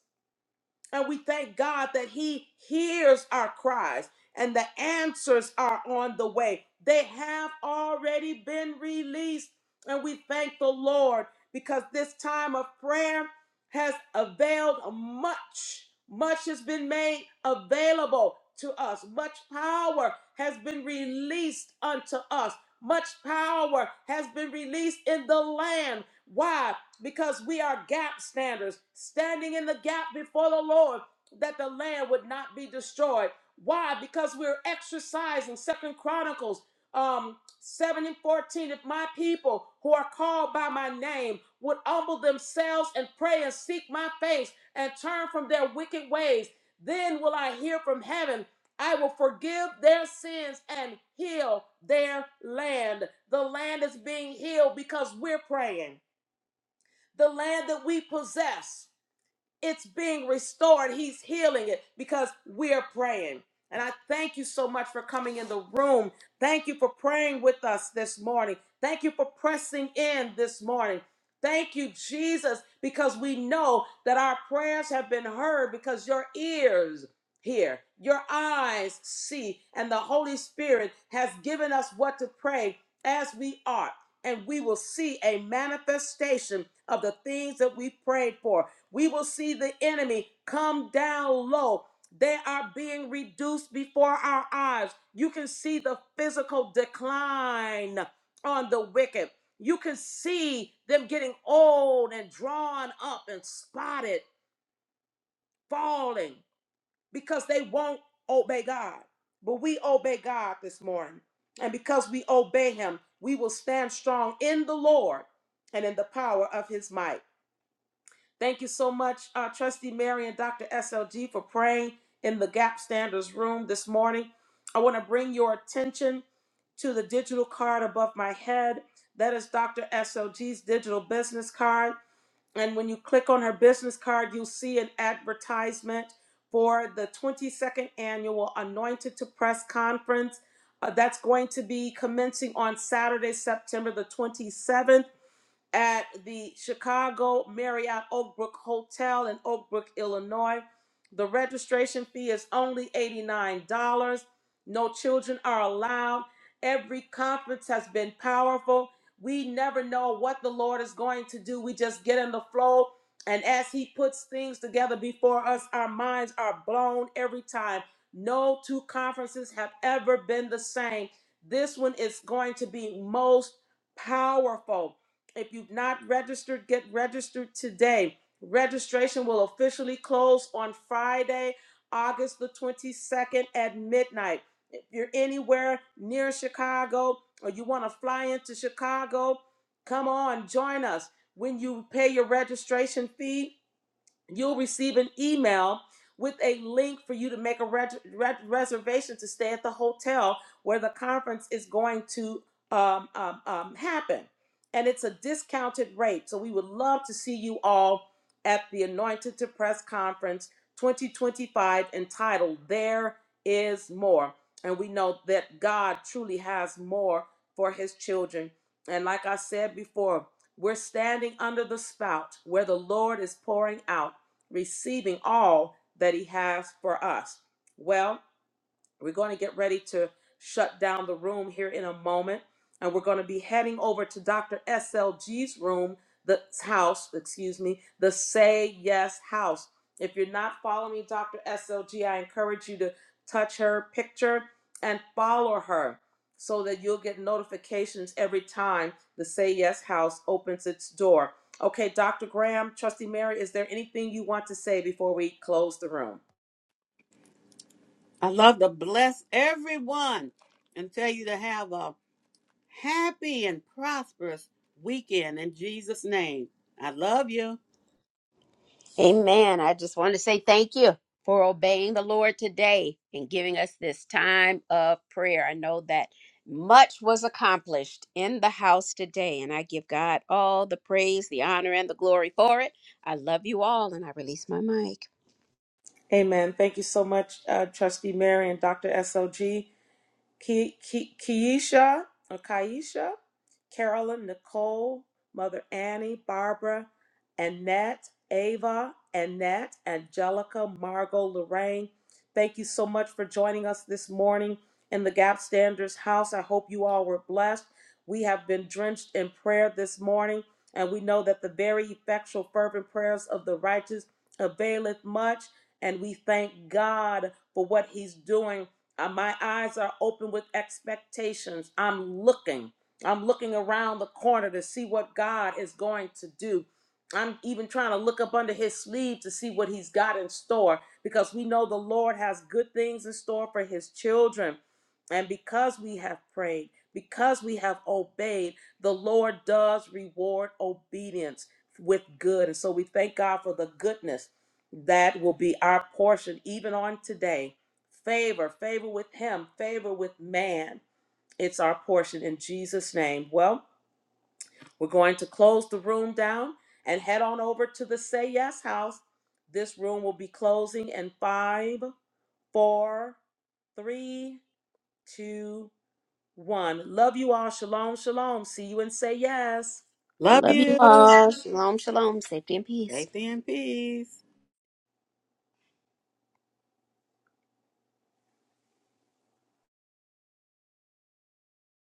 [SPEAKER 1] And we thank God that He hears our cries and the answers are on the way. They have already been released. And we thank the Lord because this time of prayer has availed much. Much has been made available to us. Much power has been released unto us. Much power has been released in the land. Why? because we are gap standers, standing in the gap before the Lord that the land would not be destroyed. Why? Because we're exercising Second Chronicles um, 7 and 14. If my people who are called by my name would humble themselves and pray and seek my face and turn from their wicked ways, then will I hear from heaven. I will forgive their sins and heal their land. The land is being healed because we're praying the land that we possess it's being restored. He's healing it because we're praying. And I thank you so much for coming in the room. Thank you for praying with us this morning. Thank you for pressing in this morning. Thank you, Jesus, because we know that our prayers have been heard because your ears hear, your eyes see, and the Holy Spirit has given us what to pray as we are. And we will see a manifestation of the things that we prayed for we will see the enemy come down low. They are being reduced before our eyes. You can see the physical decline on the wicked. You can see them getting old and drawn up and spotted, falling because they won't obey God. But we obey God this morning. And because we obey Him, we will stand strong in the Lord and in the power of His might. Thank you so much, uh, Trustee Mary and Dr. SLG, for praying in the Gap Standards room this morning. I want to bring your attention to the digital card above my head. That is Dr. SLG's digital business card. And when you click on her business card, you'll see an advertisement for the 22nd annual Anointed to Press conference. Uh, that's going to be commencing on Saturday, September the 27th at the Chicago Marriott Oak Brook Hotel in Oak Brook, Illinois. The registration fee is only $89. No children are allowed. Every conference has been powerful. We never know what the Lord is going to do. We just get in the flow. And as He puts things together before us, our minds are blown every time. No two conferences have ever been the same. This one is going to be most powerful. If you've not registered, get registered today. Registration will officially close on Friday, August the 22nd at midnight. If you're anywhere near Chicago or you want to fly into Chicago, come on, join us. When you pay your registration fee, you'll receive an email with a link for you to make a ret- ret- reservation to stay at the hotel where the conference is going to um, um, um, happen. And it's a discounted rate. So we would love to see you all at the Anointed to Press Conference 2025 entitled There Is More. And we know that God truly has more for his children. And like I said before, we're standing under the spout where the Lord is pouring out receiving all that He has for us. Well, we're going to get ready to shut down the room here in a moment, and we're going to be heading over to Dr. SLG's room, the house, excuse me, the Say Yes house. If you're not following Dr. SLG, I encourage you to touch her picture and follow her so that you'll get notifications every time the Say Yes house opens its door. Okay, Dr. Graham, Trusty Mary, is there anything you want to say before we close the room?
[SPEAKER 3] I love to bless everyone and tell you to have a happy and prosperous weekend in Jesus' name. I love you.
[SPEAKER 2] Amen. I just want to say thank you for obeying the Lord today and giving us this time of prayer. I know that much was accomplished in the house today, and I give God all the praise, the honor, and the glory for it. I love you all, and I release my mic.
[SPEAKER 1] Amen. Thank you so much, uh, Trustee Mary and Dr. SOG. Ke- Ke- Keisha or Kaisha, Carolyn, Nicole, Mother Annie, Barbara, Annette, Ava, Annette, Angelica, Margot, Lorraine. Thank you so much for joining us this morning in the Gap Standards House. I hope you all were blessed. We have been drenched in prayer this morning, and we know that the very effectual, fervent prayers of the righteous availeth much. And we thank God for what He's doing uh, my eyes are open with expectations. I'm looking. I'm looking around the corner to see what God is going to do. I'm even trying to look up under his sleeve to see what he's got in store because we know the Lord has good things in store for his children. And because we have prayed, because we have obeyed, the Lord does reward obedience with good. And so we thank God for the goodness that will be our portion even on today. Favor, favor with him, favor with man. It's our portion in Jesus' name. Well, we're going to close the room down and head on over to the Say Yes house. This room will be closing in five, four, three, two, one. Love you all. Shalom, shalom. See you and say yes.
[SPEAKER 3] Love
[SPEAKER 2] Love you
[SPEAKER 3] you.
[SPEAKER 2] all. Shalom, shalom. Safety and peace.
[SPEAKER 3] Safety and peace.